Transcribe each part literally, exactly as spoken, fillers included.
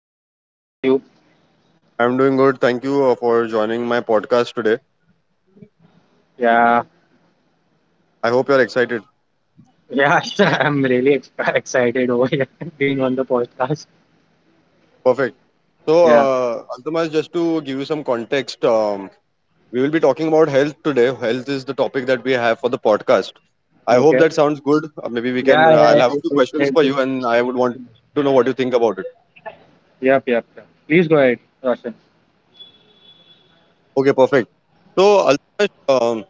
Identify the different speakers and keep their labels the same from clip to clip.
Speaker 1: Roshan. How are you?
Speaker 2: I'm doing good. Thank you uh, for joining my podcast today.
Speaker 1: Yeah,
Speaker 2: I hope you're excited.
Speaker 1: yeah, sir, I'm really ex excited over here being on the podcast.
Speaker 2: Perfect. So,
Speaker 1: Yeah,
Speaker 2: uh, Altamash, just to give you some context, um, we will be talking about health today. Health is the topic that we have for the podcast. I hope
Speaker 1: okay.
Speaker 2: that sounds good. Uh, maybe we can.
Speaker 1: Yeah,
Speaker 2: Uh,
Speaker 1: yeah,
Speaker 2: I'll
Speaker 1: yeah,
Speaker 2: have a
Speaker 1: it-
Speaker 2: few questions
Speaker 1: it-
Speaker 2: for
Speaker 1: it-
Speaker 2: you, and I would want to know what you think about it.
Speaker 1: Yep, yep, yep. Please go ahead, Roshan.
Speaker 2: Okay, perfect. So, Altamash, um,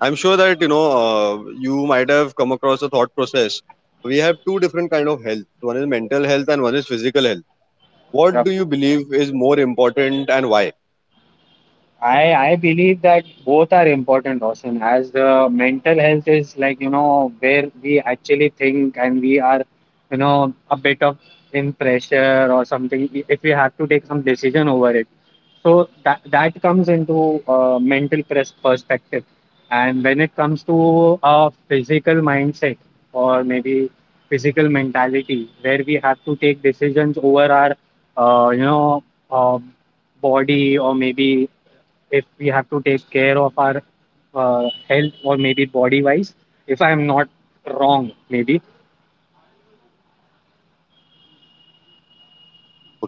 Speaker 2: I'm sure that you know uh, you might have come across a thought process. We have two different kind of health. One is mental health, and one is physical health. What
Speaker 1: Yep.
Speaker 2: do you believe is more important and why?
Speaker 1: I I believe that both are important, Austin, as the mental health is like, you know, where we actually think and we are, you know, a bit of in pressure or something if we have to take some decision over it. So that that comes into uh, mental press perspective. And when it comes to a physical mindset or maybe physical mentality, where we have to take decisions over our, uh, you know, uh, body or maybe if we have to take care of our uh, health or maybe body wise if I am not wrong maybe.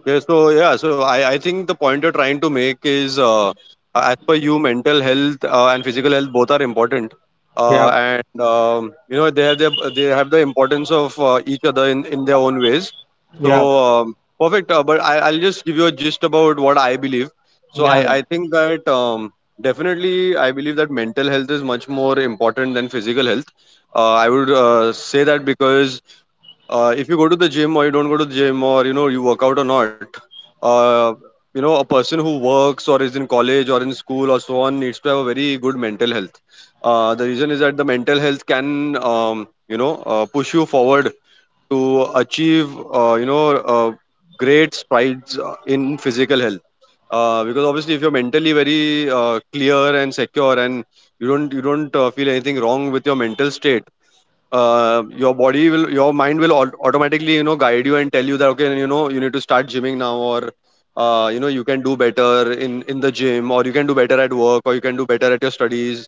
Speaker 2: Okay, so yeah, so i, I think the point you're trying to make is, uh, as per you, mental health uh, and physical health both are important, uh,
Speaker 1: Yeah,
Speaker 2: and um, you know, they have their, they have the importance of uh, each other in, in their own ways. So
Speaker 1: yeah,
Speaker 2: um, perfect. Uh, but I, i'll just give you a gist about what I believe. so
Speaker 1: yeah, yeah.
Speaker 2: i, I think that um, definitely I believe that mental health is much more important than physical health. uh, I would uh, say that because uh, if you go to the gym or you don't go to the gym, or you know, you work out or not, uh, you know, a person who works or is in college or in school or so on needs to have a very good mental health. Uh, the reason is that the mental health can, um, you know, uh, push you forward to achieve uh, you know, uh, great strides uh, in physical health, uh, because obviously if you're mentally very uh, clear and secure and you don't you don't uh, feel anything wrong with your mental state, uh, your body will, your mind will au- automatically, you know, guide you and tell you that okay, you know, you need to start gymming now, or uh, you know, you can do better in in the gym, or you can do better at work, or you can do better at your studies,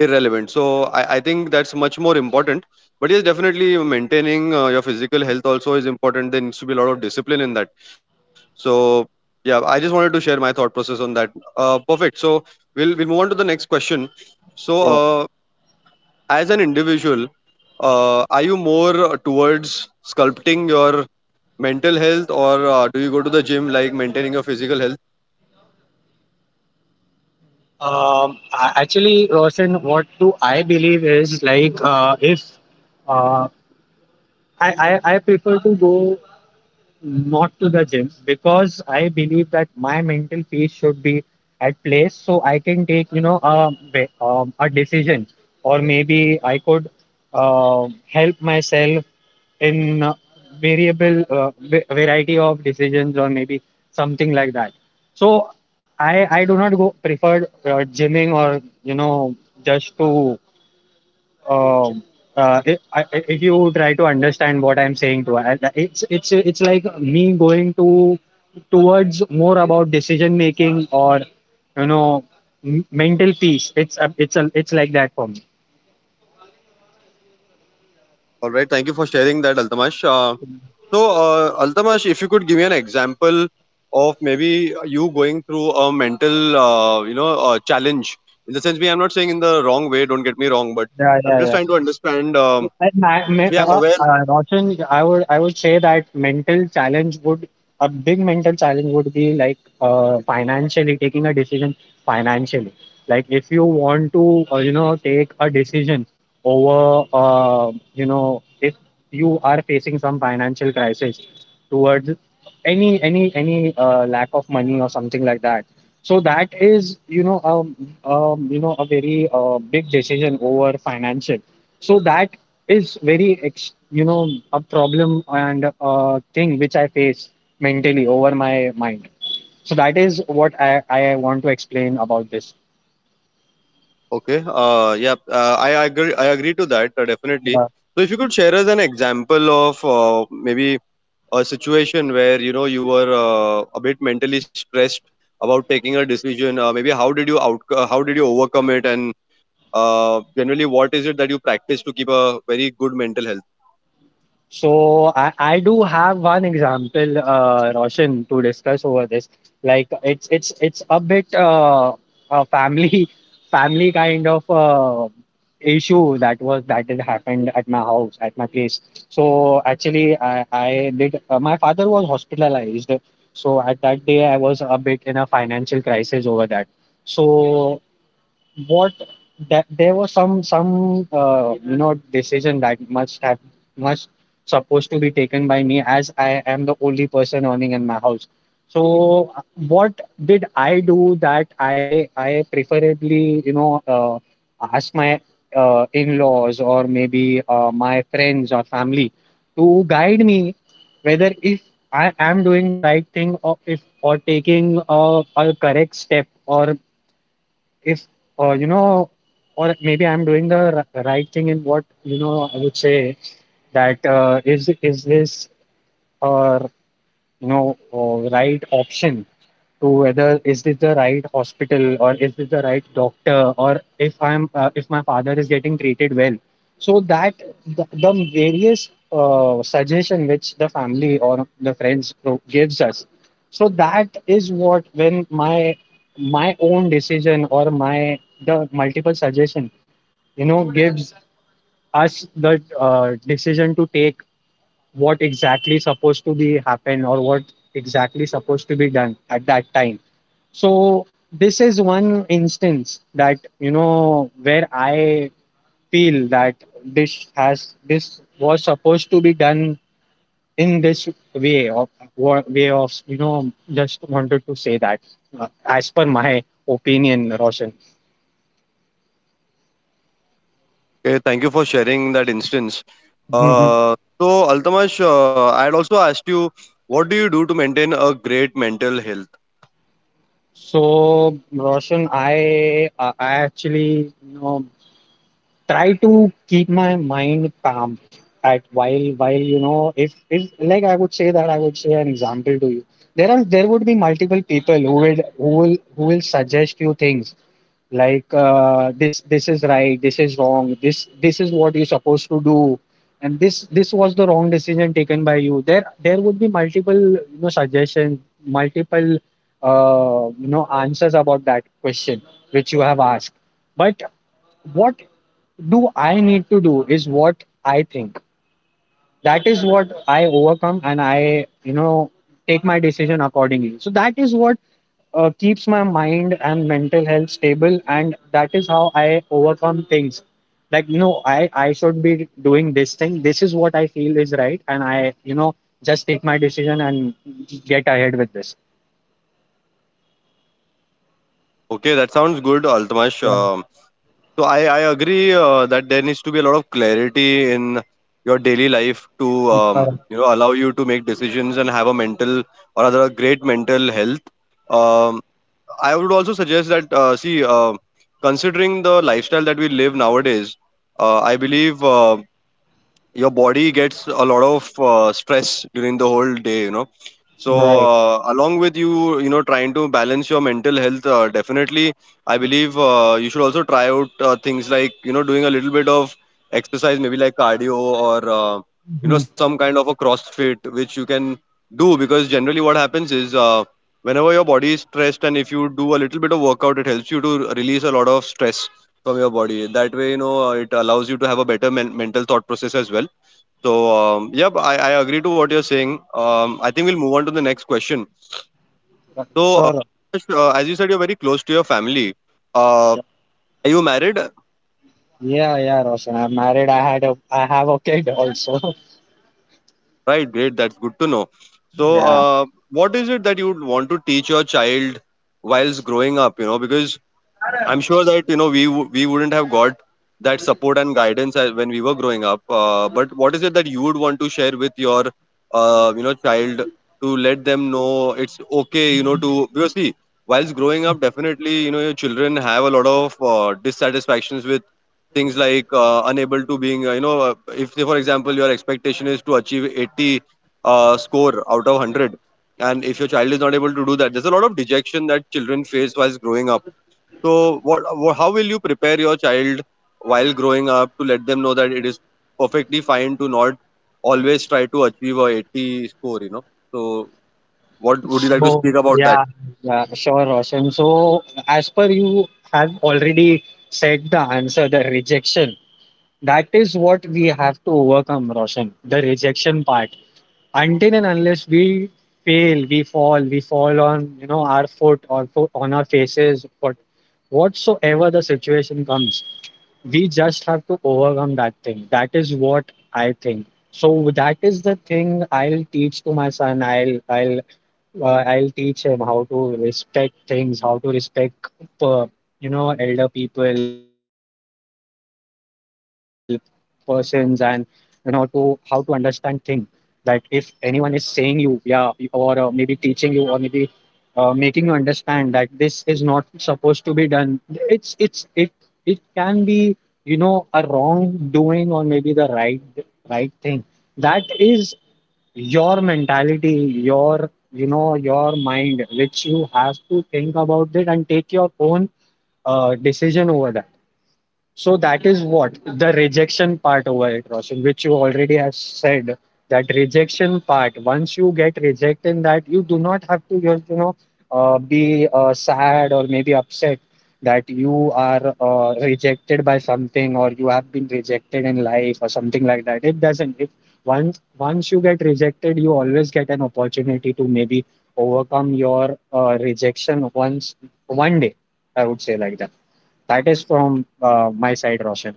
Speaker 2: irrelevant. So i, I think that's much more important. But yes, definitely maintaining uh, your physical health also is important. There needs to be a lot of discipline in that. So yeah, I just wanted to share my thought process on that. Uh, perfect. So we'll we'll move on to the next question. So
Speaker 1: Sure.
Speaker 2: uh, as an individual, uh, are you more towards sculpting your mental health, or uh, do you go to the gym, like maintaining your physical health?
Speaker 1: Um, a- actually, Roshan, what do I believe is like uh, if uh, I, I i prefer to go not to the gym, because I believe that my mental peace should be at place, so I can take you know a, ve- um, a decision or maybe I could uh, help myself in uh, variable uh, va- variety of decisions or maybe something like that. So i i do not go prefer uh, gymming or you know just to um uh, if, I, I- if you try to understand what I'm saying to I- it's it's it's like me going to towards more about decision making or you know m- mental peace. It's a, it's a, it's like that for me.
Speaker 2: All right, thank you for sharing that, Altamash. Uh, so, uh, Altamash, if you could give me an example of maybe you going through a mental, uh, you know, uh, challenge. In the sense, we, I'm not saying in the wrong way. Don't get me wrong, but
Speaker 1: Yeah,
Speaker 2: I'm just
Speaker 1: yeah.
Speaker 2: trying to understand. Um,
Speaker 1: And I, me-
Speaker 2: yeah, I'm
Speaker 1: uh,
Speaker 2: aware.
Speaker 1: uh, Roshan, I would I would say that mental challenge would a big mental challenge would be like uh, financially taking a decision, financially. Like if you want to uh, you know take a decision over uh, you know if you are facing some financial crisis towards any any any uh, lack of money or something like that. So that is you know um, um you know a very uh, big decision over financial. So that is very ex- you know a problem and a thing which I face mentally over my mind. So that is what i, I want to explain about this.
Speaker 2: Okay. Uh, yeah. Uh, I agree. I agree to that, uh, definitely.
Speaker 1: Uh,
Speaker 2: So, if you could share us an example of, uh, maybe a situation where you know you were uh, a bit mentally stressed about taking a decision, uh, maybe how did you out, uh, how did you overcome it, and uh, generally what is it that you practice to keep a very good mental health?
Speaker 1: So I, I do have one example, uh, Roshan, to discuss over this. Like it's it's it's a bit uh, a family family kind of uh, issue that was that had happened at my house at my place. So actually, I I did uh, my father was hospitalized. So at that day, I was a bit in a financial crisis over that. So what that there was some some uh, you know decision that must have must supposed to be taken by me, as I am the only person earning in my house. So uh, what did I do, that I I preferably you know uh, ask my uh, in-laws or maybe uh, my friends or family to guide me, whether if I am doing the right thing, or if or taking a, a correct step, or if uh, you know or maybe I'm doing the r- right thing. In what, you know I would say, that uh, is is this uh, you know uh, right option, to whether is this the right hospital or is this the right doctor, or if I'm uh, if my father is getting treated well. So that, the, the various uh, suggestion which the family or the friends pro- gives us. So that is what, when my my own decision or my the multiple suggestion you know gives us the uh, decision to take what exactly supposed to be happen, or what exactly supposed to be done at that time. So this is one instance, that you know where I feel that this has this was supposed to be done in this way of wa- way of, you know just wanted to say that, uh, as per my opinion, Roshan.
Speaker 2: Okay, thank you for sharing that instance.
Speaker 1: Mhm.
Speaker 2: uh, so, Altamash, uh, I had also asked you, what do you do to maintain a great mental health?
Speaker 1: So, Roshan, i i I actually you know try to keep my mind calm at while, while you know if if like I would say, that I would say an example to you. There are there would be multiple people who would who will who will suggest you things like, uh, this this is right, this is wrong, this this is what you're supposed to do. And this this was the wrong decision taken by you. There there would be multiple you know suggestions, multiple uh, you know answers about that question which you have asked. But what do I need to do is what I think. That is what I overcome, and I, you know, take my decision accordingly. So that is what uh, keeps my mind and mental health stable. And that is how I overcome things. Like, no, I, I should be doing this thing. This is what I feel is right. And I, you know, just take my decision and get ahead with this.
Speaker 2: Okay, that sounds good, Altamash.
Speaker 1: Yeah,
Speaker 2: So I, I agree uh, that there needs to be a lot of clarity in your daily life to,
Speaker 1: correct.
Speaker 2: um, you know, allow you to make decisions and have a mental, or rather a great mental health. Um, I would also suggest that uh, see, uh, considering the lifestyle that we live nowadays, uh, I believe uh, your body gets a lot of uh, stress during the whole day, you know. So
Speaker 1: Right.
Speaker 2: uh, along with you, you know, trying to balance your mental health, uh, definitely I believe uh, you should also try out uh, things like, you know, doing a little bit of exercise, maybe like cardio, or uh, you know,
Speaker 1: Mhm.
Speaker 2: some kind of a crossfit, which you can do, because generally what happens is uh, whenever your body is stressed, and if you do a little bit of workout, it helps you to release a lot of stress from your body. That way, you know, uh, it allows you to have a better men- mental thought process as well. So, um, yep, I, I agree to what you're saying. Um, I think we'll move on to the next question. So, uh,
Speaker 1: Sure.
Speaker 2: Ash, uh, as you said, you're very close to your family. Uh, are you married?
Speaker 1: Yeah, yeah, Roshan. I'm married. I had a, I have a kid also.
Speaker 2: Right, great. That's good to know. So,
Speaker 1: Yeah.
Speaker 2: uh, what is it that you would want to teach your child whilst growing up? You know, because I'm sure that you know, we wou- we wouldn't have got that support and guidance as, when we were growing up. Uh, but what is it that you would want to share with your uh, you know, child, to let them know it's okay, you know, to, because see, whilst growing up, definitely, you know, your children have a lot of uh, dissatisfactions with things like, uh, unable to being uh, you know, uh, if say for example your expectation is to achieve eighty uh, score out of one hundred, and if your child is not able to do that, there's a lot of dejection that children face whilst growing up. So, what, wha- how will you prepare your child while growing up to let them know that it is perfectly fine to not always try to achieve a eighty score? You know. So, what would you like to speak
Speaker 1: So
Speaker 2: about that?
Speaker 1: yeah, yeah, sure, Roshan. So, as per you have already said, the answer, the rejection. That is what we have to overcome, Roshan. The rejection part. Until and unless we fail, we fall, we fall on you know our foot or fo- on our faces, what whatsoever the situation comes, we just have to overcome that thing. That is what I think. So that is the thing I'll teach to my son. I'll i'll uh, i'll teach him how to respect things, how to respect uh, you know elder people persons, and you know to how to understand things, that if anyone is saying you, yeah, or uh, maybe teaching you or maybe uh, making you understand that this is not supposed to be done. It's it's it it can be, you know a wrongdoing or maybe the right right thing. That is your mentality, your you know your mind, which you have to think about it and take your own uh, decision over that. So that is what the rejection part over it, Roshan, which you already have said. That rejection part, once you get rejected in that, you do not have to, you know, uh, be uh, sad or maybe upset that you are uh, rejected by something or you have been rejected in life or something like that. It doesn't. If once once you get rejected, you always get an opportunity to maybe overcome your uh, rejection once one day. I would say like that. That is from uh, my side, Roshan.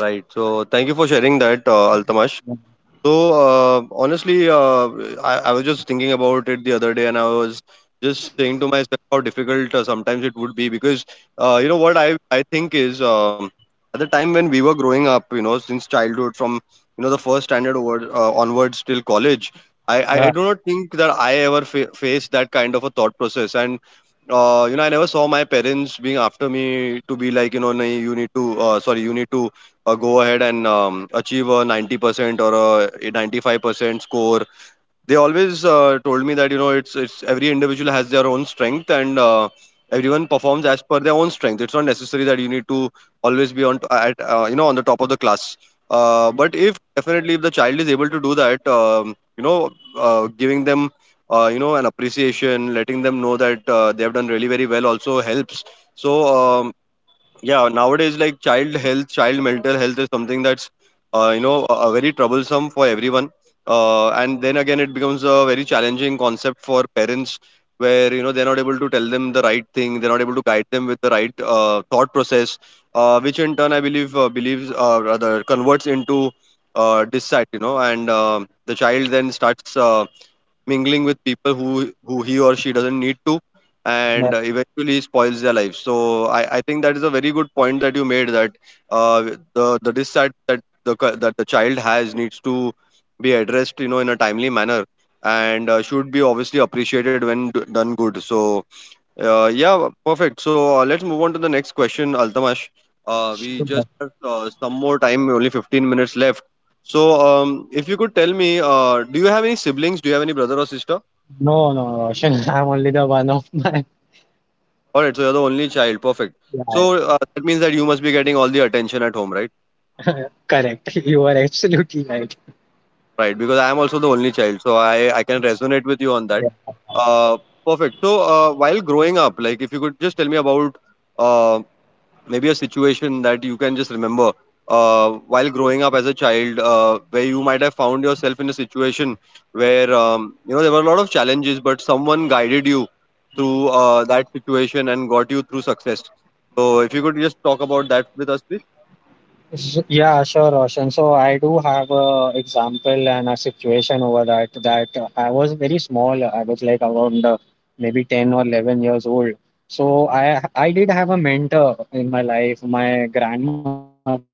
Speaker 2: Right. So, thank you for sharing that, uh, Altamash. So uh, honestly, uh, I, I was just thinking about it the other day, and I was just saying to myself how difficult uh, sometimes it would be, because uh, you know what I I think is um, at the time when we were growing up, you know, since childhood, from, you know, the first standard over, uh, onwards till college, I, I I
Speaker 1: Yeah,
Speaker 2: do not think that I ever fa- faced that kind of a thought process, and uh, you know, I never saw my parents being after me to be like, you know, "Nahi, you need to, uh, sorry, you need to uh, go ahead and um, achieve a ninety percent or a ninety-five percent score." They always uh, told me that, you know, it's it's every individual has their own strength, and uh, everyone performs as per their own strength. It's not necessary that you need to always be on t- at, uh, you know, on the top of the class, uh, but if definitely if the child is able to do that, um, you know, uh, giving them uh, you know, an appreciation, letting them know that uh, they have done really very well, also helps. So um, yeah, nowadays, like child health, child mental health is something that's uh, you know, uh, very troublesome for everyone, uh, and then again it becomes a very challenging concept for parents, where, you know, they're not able to tell them the right thing, they're not able to guide them with the right uh, thought process, uh, which in turn I believe, uh, believes uh, rather converts into uh, dissat, you know, and um the child then starts uh, mingling with people who who he or she doesn't need to,
Speaker 1: yeah,
Speaker 2: and uh, eventually spoils their life. So I, I think that is a very good point that you made, that uh, the the dissat that the cu- that the child has needs to be addressed, you know, in a timely manner, and uh, should be obviously appreciated when d- done good. So uh, yeah, perfect. So uh, let's move on to the next question, Altamash. Uh, we just
Speaker 1: sure.
Speaker 2: have uh, some more time, only fifteen minutes left. So um, if you could tell me, uh, do you have any siblings? Do you have any brother or sister?
Speaker 1: No, no, Roshan. I'm only the one of my.
Speaker 2: All right, so you're the only child. Perfect.
Speaker 1: Yeah,
Speaker 2: So uh, that means that you must be getting all the attention at home, right?
Speaker 1: correct. You are absolutely right.
Speaker 2: Right, because I am also the only child, so I, I can resonate with you on that.
Speaker 1: Yeah.
Speaker 2: Uh, perfect. So uh, while growing up, like if you could just tell me about um maybe a situation that you can just remember, uh, while growing up as a child, uh, where you might have found yourself in a situation where um, you know, there were a lot of challenges, but someone guided you through uh, that situation and got you through success. So if you could just talk about that with us, please.
Speaker 1: S- Yeah, sure, Roshan. So I do have a example and a situation over that. That uh, I was very small. I was like around uh, maybe ten or eleven years old. So I I did have a mentor in my life, my grandmother.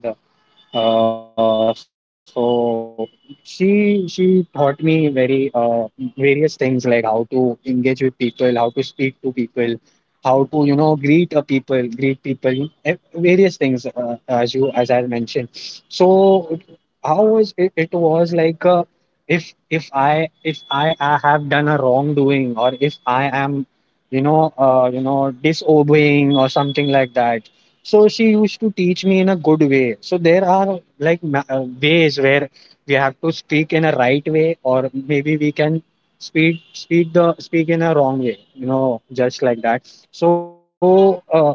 Speaker 1: Uh, so she she taught me very uh, various things, like how to engage with people, how to speak to people, how to you know greet a people, greet people, eh, various things, uh, as you as I mentioned. So how was it? It was like uh, if if I if I, I have done a wrongdoing, or if I am you know uh, you know disobeying or something like that. So she used to teach me in a good way. So there are like ma- uh, ways where we have to speak in a right way, or maybe we can speak speak the speak in a wrong way, you know just like that. So uh,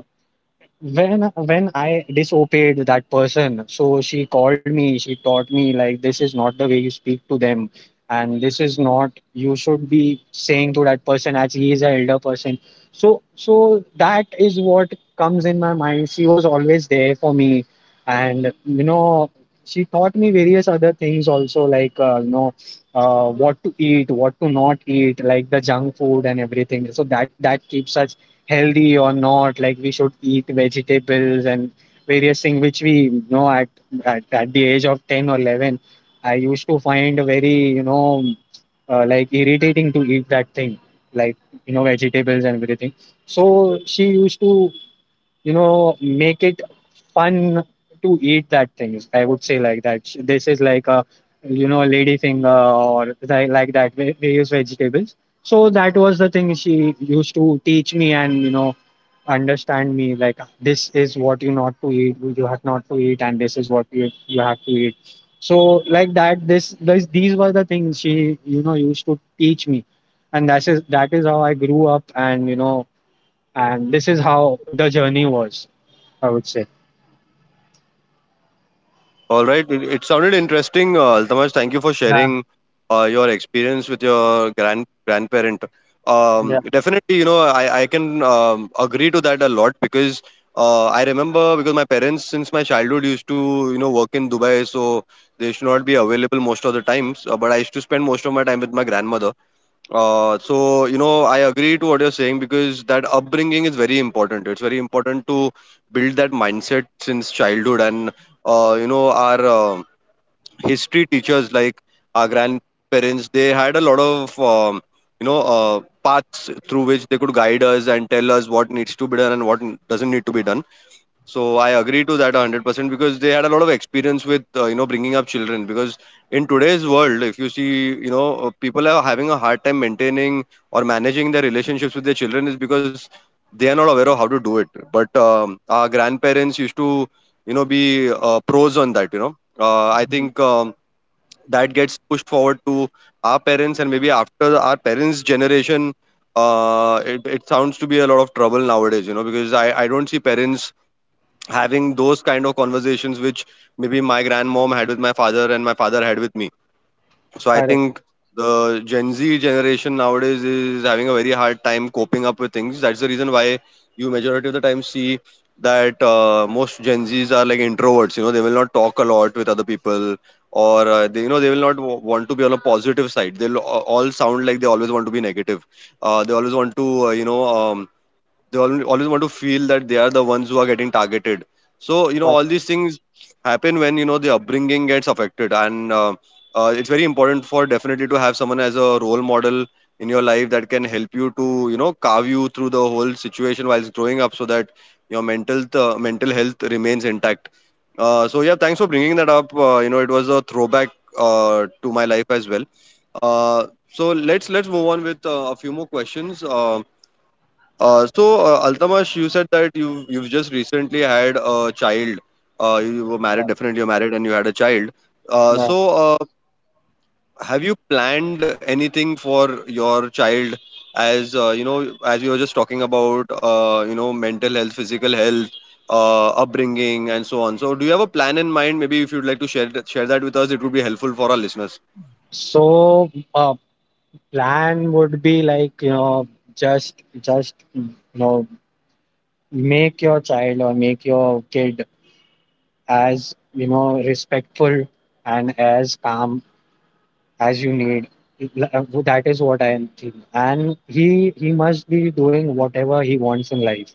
Speaker 1: when when I disobeyed that person, so she called me, she taught me like, this is not the way you speak to them, and this is not you should be saying to that person, as he is an elder person. So so that is what comes in my mind. She was always there for me, and you know she taught me various other things also, like uh, you know uh, what to eat, what to not eat, like the junk food and everything. So that that keeps us healthy or not, like we should eat vegetables and various things which we know at, at at the age of ten or eleven. I used to find very you know uh, like irritating to eat that thing, like, you know vegetables and everything. So she used to, you know make it fun to eat that things. I would say like that. Sh- This is like a, you know lady finger, or thi- like that va- various vegetables. So that was the thing she used to teach me and you know understand me like this is what you not to eat you have not to eat and this is what you, you have to eat. So like that this, this these were the things she you know used to teach me. And that is that is how I grew up. And you know and this is how the journey was, I would say.
Speaker 2: All right, it, it sounded interesting, uh, Altamash. Thank you for sharing uh, your experience with your grand grandparent.
Speaker 1: Yeah.
Speaker 2: Um, definitely, you know, I, I can um, agree to that a lot because uh, I remember because my parents since my childhood used to you know work in Dubai, so they should not be available most of the times. Uh, but I used to spend most of my time with my grandmother. Uh, so you know, I agree to what you're saying because that upbringing is very important. It's very important to build that mindset since childhood, and uh, you know, our uh, history teachers, like our grandparents, they had a lot of um, you know uh, paths through which they could guide us and tell us what needs to be done and what n- doesn't need to be done. So I agree to that a hundred percent because they had a lot of experience with uh, you know bringing up children because in today's world if you see you know uh, people are having a hard time maintaining or managing their relationships with their children is because they are not aware of how to do it but um, our grandparents used to you know be uh, pros on that. You know uh, I think um, that gets pushed forward to our parents and maybe after our parents generation uh, it, it sounds to be a lot of trouble nowadays you know because I, I don't see parents having those kind of conversations which maybe my grandmom had with my father and my father had with me, so I
Speaker 1: Correct,
Speaker 2: think the gen Z generation nowadays is having a very hard time coping up with things. That's the reason why you majority of the time see that uh, most gen Z's are like introverts. You know they will not talk a lot with other people or uh, they, you know they will not w- want to be on a positive side. They'll a- all sound like they always want to be negative. Uh, they always want to uh, you know um, they al- always want to feel that they are the ones who are getting targeted. So you know
Speaker 1: correct.
Speaker 2: all these things happen when you know the upbringing gets affected. And uh, uh, it's very important for definitely to have someone as a role model in your life that can help you to you know carve you through the whole situation whilst growing up, so that your mental th- mental health remains intact. Uh, so yeah, thanks for bringing that up. Uh, you know it was a throwback uh, to my life as well. Uh, so let's let's move on with uh, a few more questions. um, uh, so, uh, Altamash, you said that you you've just recently had a child. Uh, you were married,
Speaker 1: Correct.
Speaker 2: definitely you're married, and you had a child. Uh,
Speaker 1: Yeah.
Speaker 2: so, uh, have you planned anything for your child? As uh, you know, as we were just talking about, uh, you know, mental health, physical health, uh, upbringing, and so on. So, do you have a plan in mind? Maybe if you'd like to share that, share that with us, it would be helpful for our listeners.
Speaker 1: So, uh, plan would be like, you know, just, just, you know, make your child or make your kid as, you know, respectful and as calm as you need. That is what I am thinking. And he he must be doing whatever he wants in life.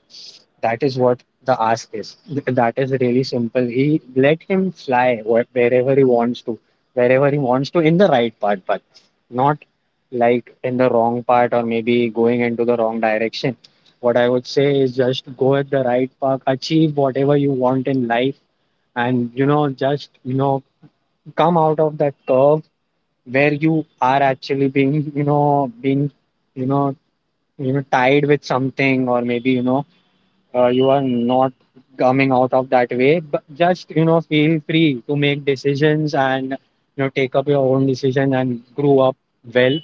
Speaker 1: That is what the ask is. Th- That is really simple. He let him fly wh- wherever he wants to, wherever he wants to in the right part, but not like in the wrong part or maybe going into the wrong direction. What I would say is just go at the right path, achieve whatever you want in life, and you know, just you know, come out of that curve where you are actually being you know being you know you know tied with something, or maybe you know uh, you are not coming out of that way. But just you know feel free to make decisions and you know take up your own decision and grow up well.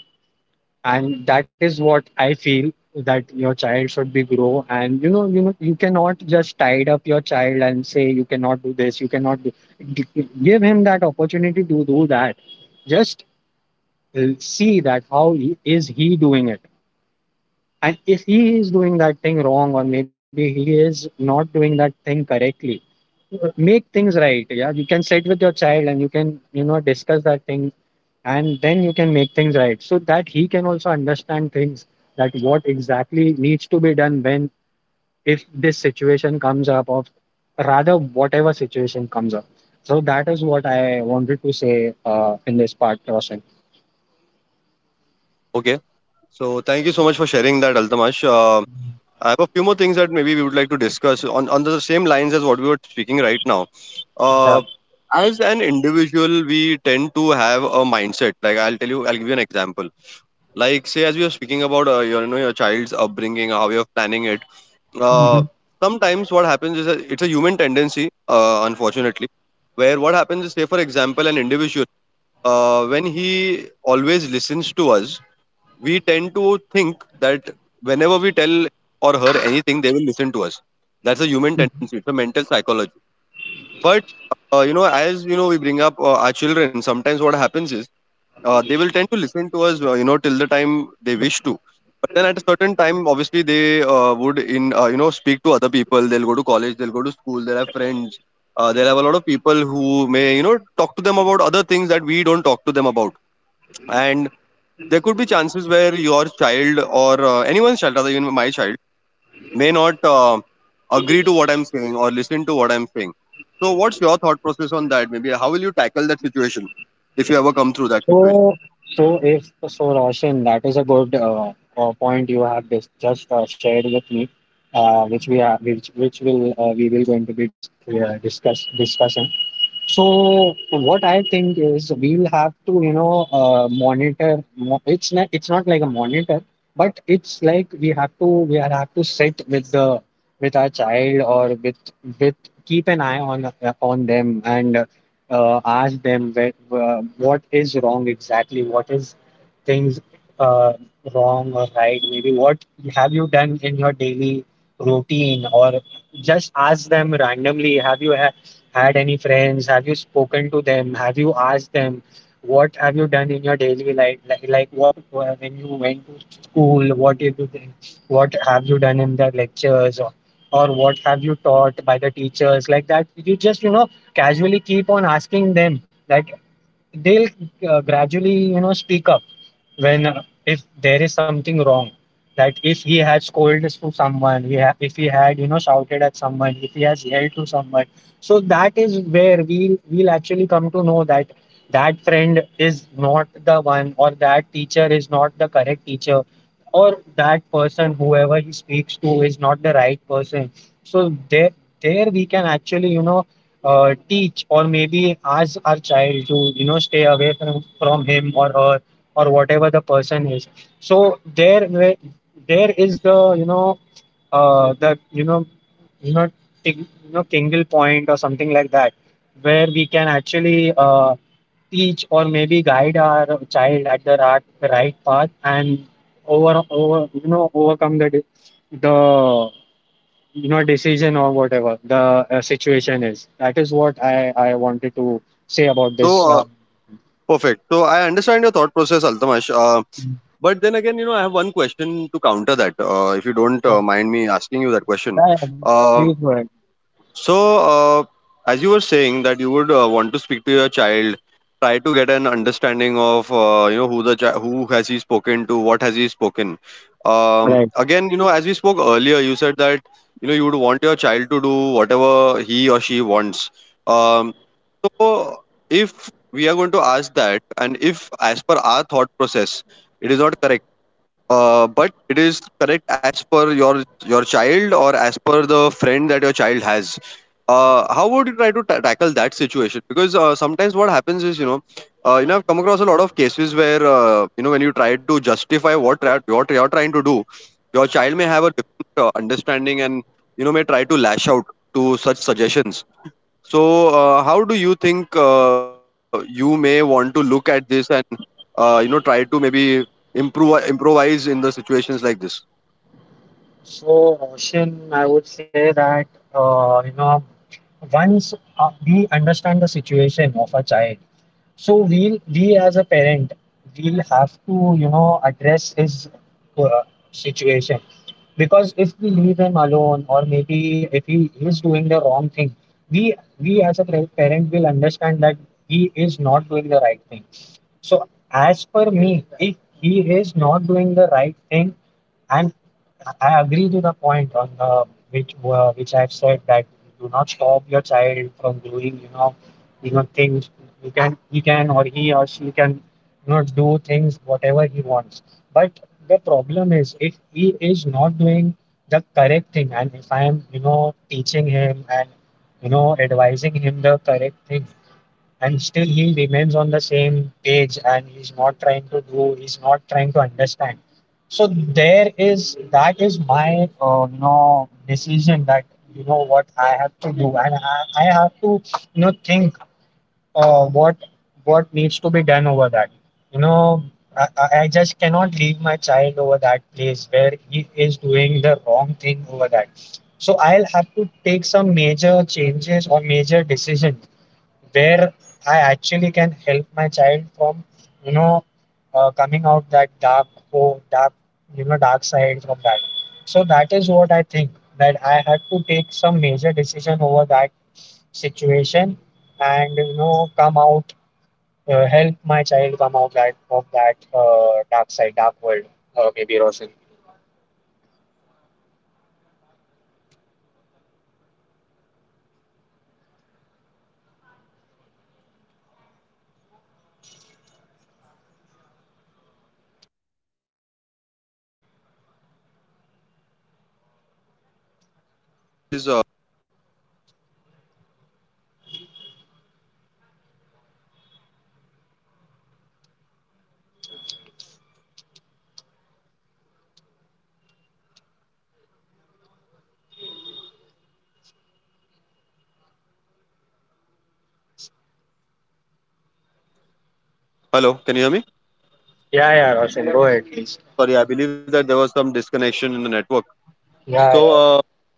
Speaker 1: And that is what I feel, that your child should be grow. And you know you know you cannot just tied up your child and say you cannot do this, you cannot do. G- give him that opportunity to do that. Just uh, see that how he, is he doing it. And if he is doing that thing wrong or maybe he is not doing that thing correctly, make things right. Yeah, you can sit with your child and you can you know discuss that thing, and then you can make things right so that he can also understand things, that what exactly needs to be done when, if this situation comes up, or rather whatever situation comes up. So that is what I wanted to say uh, in this part, Roshan.
Speaker 2: Okay. So, thank you so much for sharing that, Altamash. Uh, I have a few more things that maybe we would like to discuss on, on the same lines as what we were speaking right now.
Speaker 1: Yeah.
Speaker 2: Uh, as an individual, we tend to have a mindset. Like I'll tell you, I'll give you an example. Like say, as we were speaking about uh, your, you know, your child's upbringing, how you're planning it. Uh, Sometimes what happens is that it's a human tendency, uh, unfortunately, where what happens is, say for example, an individual uh, when he always listens to us, we tend to think that whenever we tell or her anything, they will listen to us. That's a human tendency. It's a mental psychology. But uh, you know, as you know, we bring up uh, our children. Sometimes what happens is uh, they will tend to listen to us, uh, you know, till the time they wish to. But then at a certain time, obviously, they uh, would in uh, you know speak to other people. They'll go to college. They'll go to school. They'll have friends. Uh, they'll have a lot of people who may you know talk to them about other things that we don't talk to them about. And there could be chances where your child or uh, anyone's child, rather even my child, may not uh, agree to what I'm saying or listen to what I'm saying. So, what's your thought process on that? Maybe how will you tackle that situation if you ever come through that situation?
Speaker 1: So, so if so, Roshan, that is a good uh, uh, point you have dis- just uh, shared with me, uh, which we are, which which will uh, we will going to be dis- uh, discuss discussing. So what I think is we'll have to, you know, uh, monitor. mo- It's not, it's not like a monitor, but it's like we have to, we are- have to sit with the, with our child, or with, with keep an eye on, uh, on them, and uh, ask them where, uh, what is wrong exactly, what is things, uh, wrong or right. Maybe what have you done in your daily routine, or just ask them randomly. Have you had? Had any friends? Have you spoken to them? Have you asked them? What have you done in your daily life? Like, like what, uh, when you went to school? What did you do? What have you done in the lectures? Or, or what have you taught by the teachers? Like that, you just you know casually keep on asking them that they'll uh, gradually you know speak up when, uh, if there is something wrong, that if he had scolded to someone, we ha- if he had you know shouted at someone, if he has yelled to someone. So that is where we we'll actually come to know that that friend is not the one, or that teacher is not the correct teacher, or that person whoever he speaks to is not the right person. So there there we can actually you know uh, teach or maybe ask our child to you know stay away from from him or her, or whatever the person is. So there where there is the you know uh the you know you know ting, you know tingle point or something like that, where we can actually uh teach or maybe guide our child at the right, right path, and over over you know overcome the di- the you know decision, or whatever the uh, situation is. That is what i i wanted to say about this
Speaker 2: So, uh,
Speaker 1: um,
Speaker 2: Perfect. So, I understand your thought process, Altamash. Uh, but then again, you know, I have one question to counter that. Uh, if you don't
Speaker 1: so
Speaker 2: uh, mind me asking you that question,
Speaker 1: yeah, yeah, please go
Speaker 2: uh,
Speaker 1: ahead.
Speaker 2: So, uh, as you were saying that you would uh, want to speak to your child, try to get an understanding of uh, you know who the chi- who has he spoken to, what has he spoken. Um, again, you know, as we spoke earlier, you said that you know you would want your child to do whatever he or she wants. Um, so, if we are going to ask that, and if as per our thought process, it is not correct uh, but it is correct as per your your child or as per the friend that your child has, uh, how would you try to ta tackle that situation? Because uh, sometimes what happens is you know uh, you know I've come across a lot of cases where uh, you know when you try to justify what tra- what you're trying to do, your child may have a different uh, understanding and you know may try to lash out to such suggestions. So uh, how do you think uh, you may want to look at this? Uh, you know, try to maybe improve improvise in the situations like this.
Speaker 1: So, Ocean, I would say that uh, you know once uh, we understand the situation of a child, so we we as a parent we'll have to you know address his uh, situation, because if we leave him alone or maybe if he is doing the wrong thing, we we as a par- parent will understand that he is not doing the right thing. So, as per me, if he is not doing the right thing, and I agree to the point on uh, which uh, which I've said, that do not stop your child from doing you know you know things. You can he can, or he or she can you know do things whatever he wants. But the problem is if he is not doing the correct thing, and if I am you know teaching him and you know advising him the correct thing, and still he remains on the same page, and he's not trying to do he's not trying to understand. So there is, that is my uh, you know decision, that you know what I have to do. And i, I have to you know think uh, what what needs to be done over that. you know I, I I just cannot leave my child over that place where he is doing the wrong thing over that. So I'll have to take some major changes or major decisions where I actually can help my child from you know uh, coming out that dark hole, dark you know dark side from that. So that is what I think, that I had to take some major decision over that situation, and you know come out uh, help my child come out that of that uh, dark side dark world, uh, maybe Rosin.
Speaker 2: Okay, that's good to know. Uh, thank you so much for explaining that to us, Altamash, and sharing your uh, you know point of view on this. uh, so uh, Altamash, uh, I, ju- I I think we have just another three minutes, so I'll just quickly try to ask you two more questions. Uh, one of the major questions I have here is uh, you know like uh, as you said, you're not very keen on um, physical uh, health, you know, as in gymming and so on. You're not. Uh, phys- you're not. Can you hear me now, Altamash? Hello. Hello. Can you hear me now? Hello. Can you hear me?
Speaker 1: Yeah yeah Rosin, go ahead please.
Speaker 2: Sorry, I believe that there was some disconnection in the network. So,
Speaker 1: Yeah yeah
Speaker 2: uh,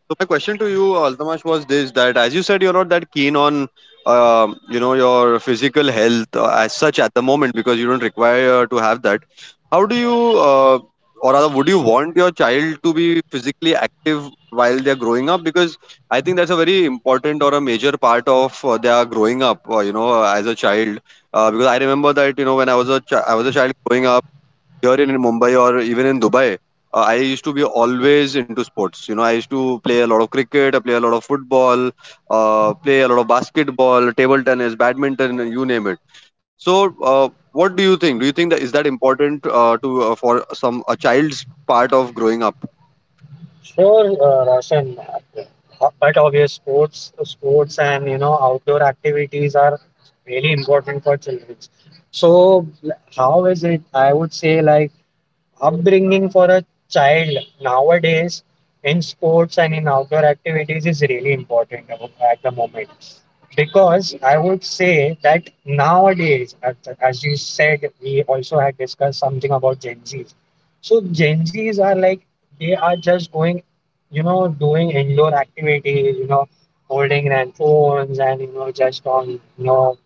Speaker 2: so my question to you, Altamash, was this: that as you said, you're not that keen on, um, you know, your physical health uh, as such at the moment because you don't require to have that. How do you, uh, or rather, would you want your child to be physically active while they're growing up? Because I think that's a very important or a major part of uh, their growing up. Uh, you know, as a child, uh, because I remember that you know when I was a chi- I was a child growing up here in Mumbai or even in Dubai, uh, I used to be always into sports. You know, I used to play a lot of cricket, I play a lot of football, uh, play a lot of basketball, table tennis, badminton, you name it. So, uh, what do you think? Do you think that is that important uh, to uh, for some a child's part of growing up?
Speaker 1: Sure, uh, Roshan. Ho- But obvious sports, sports and you know outdoor activities are really important for children. So l- how is it? I would say like upbringing for a child nowadays in sports and in outdoor activities is really important abo- at the moment, because I would say that nowadays at, as you said, we also had discussed something about gen z's. So gen z's are like they are just going you know doing indoor activities, you know holding their phones and you know just on you know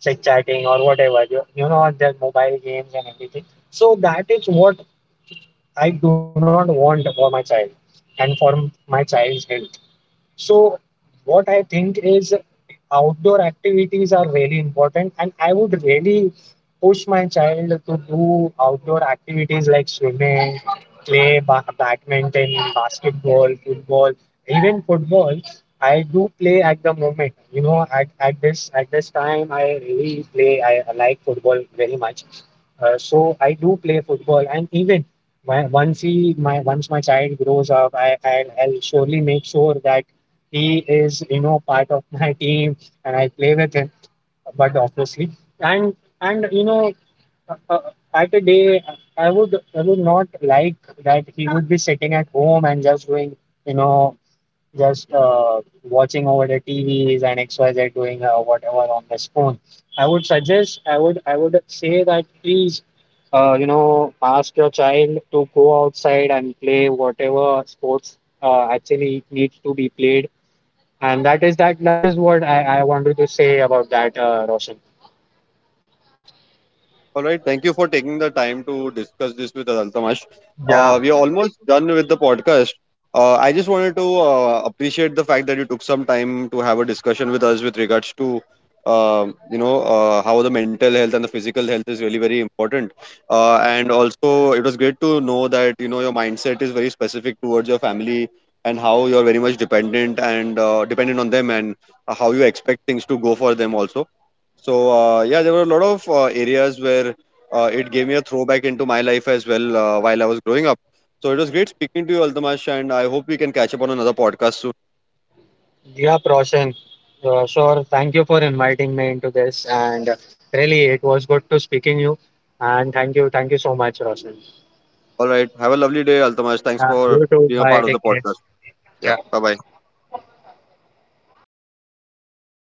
Speaker 1: chit chatting or whatever you, you know on their mobile games and everything. So that is what I do not want for my child and for m- my child's health. So, what I think is outdoor activities are really important, and I would really push my child to do outdoor activities like swimming, play ba- badminton, basketball, football, even football. I do play at the moment. You know, at, at this at this time, I really play. I like football very much. Uh, so I do play football, and even my, once he my once my child grows up, I, I'll, I'll surely make sure that he is you know part of my team and I play with him. But obviously, and and you know uh, uh, at a day, I would I would not like that he would be sitting at home and just doing you know just uh, watching over the T Vs and X Y Z doing uh, whatever on his phone. I would suggest, I would, I would say that please, uh, you know, ask your child to go outside and play whatever sports uh, actually needs to be played. And that is that. That is what I, I wanted to say about that, uh, Roshan.
Speaker 2: All right. Thank you for taking the time to discuss this with us, Altamash. Uh,
Speaker 1: Yeah,
Speaker 2: we are almost done with the podcast. Uh, I just wanted to uh, appreciate the fact that you took some time to have a discussion with us with regards to, uh, you know, uh, how the mental health and the physical health is really very important. Uh, and also, it was great to know that you know your mindset is very specific towards your family and how you are very much dependent and uh, dependent on them and how you expect things to go for them also. So uh, yeah, there were a lot of uh, areas where uh, it gave me a throwback into my life as well uh, while I was growing up. So it was great speaking to you, Altamash, and I hope we can catch up on another podcast soon.
Speaker 1: yeah, Roshan. Uh, sure. Thank you for inviting me into this, and really, it was good to speaking you. And thank you, thank you so much, Roshan.
Speaker 2: All right, have a lovely day, Altamash. Thanks
Speaker 1: Yeah,
Speaker 2: for
Speaker 1: you too.
Speaker 2: being a
Speaker 1: Bye.
Speaker 2: part of the
Speaker 1: Take care.
Speaker 2: podcast. Yeah,
Speaker 1: Yeah.
Speaker 2: bye bye.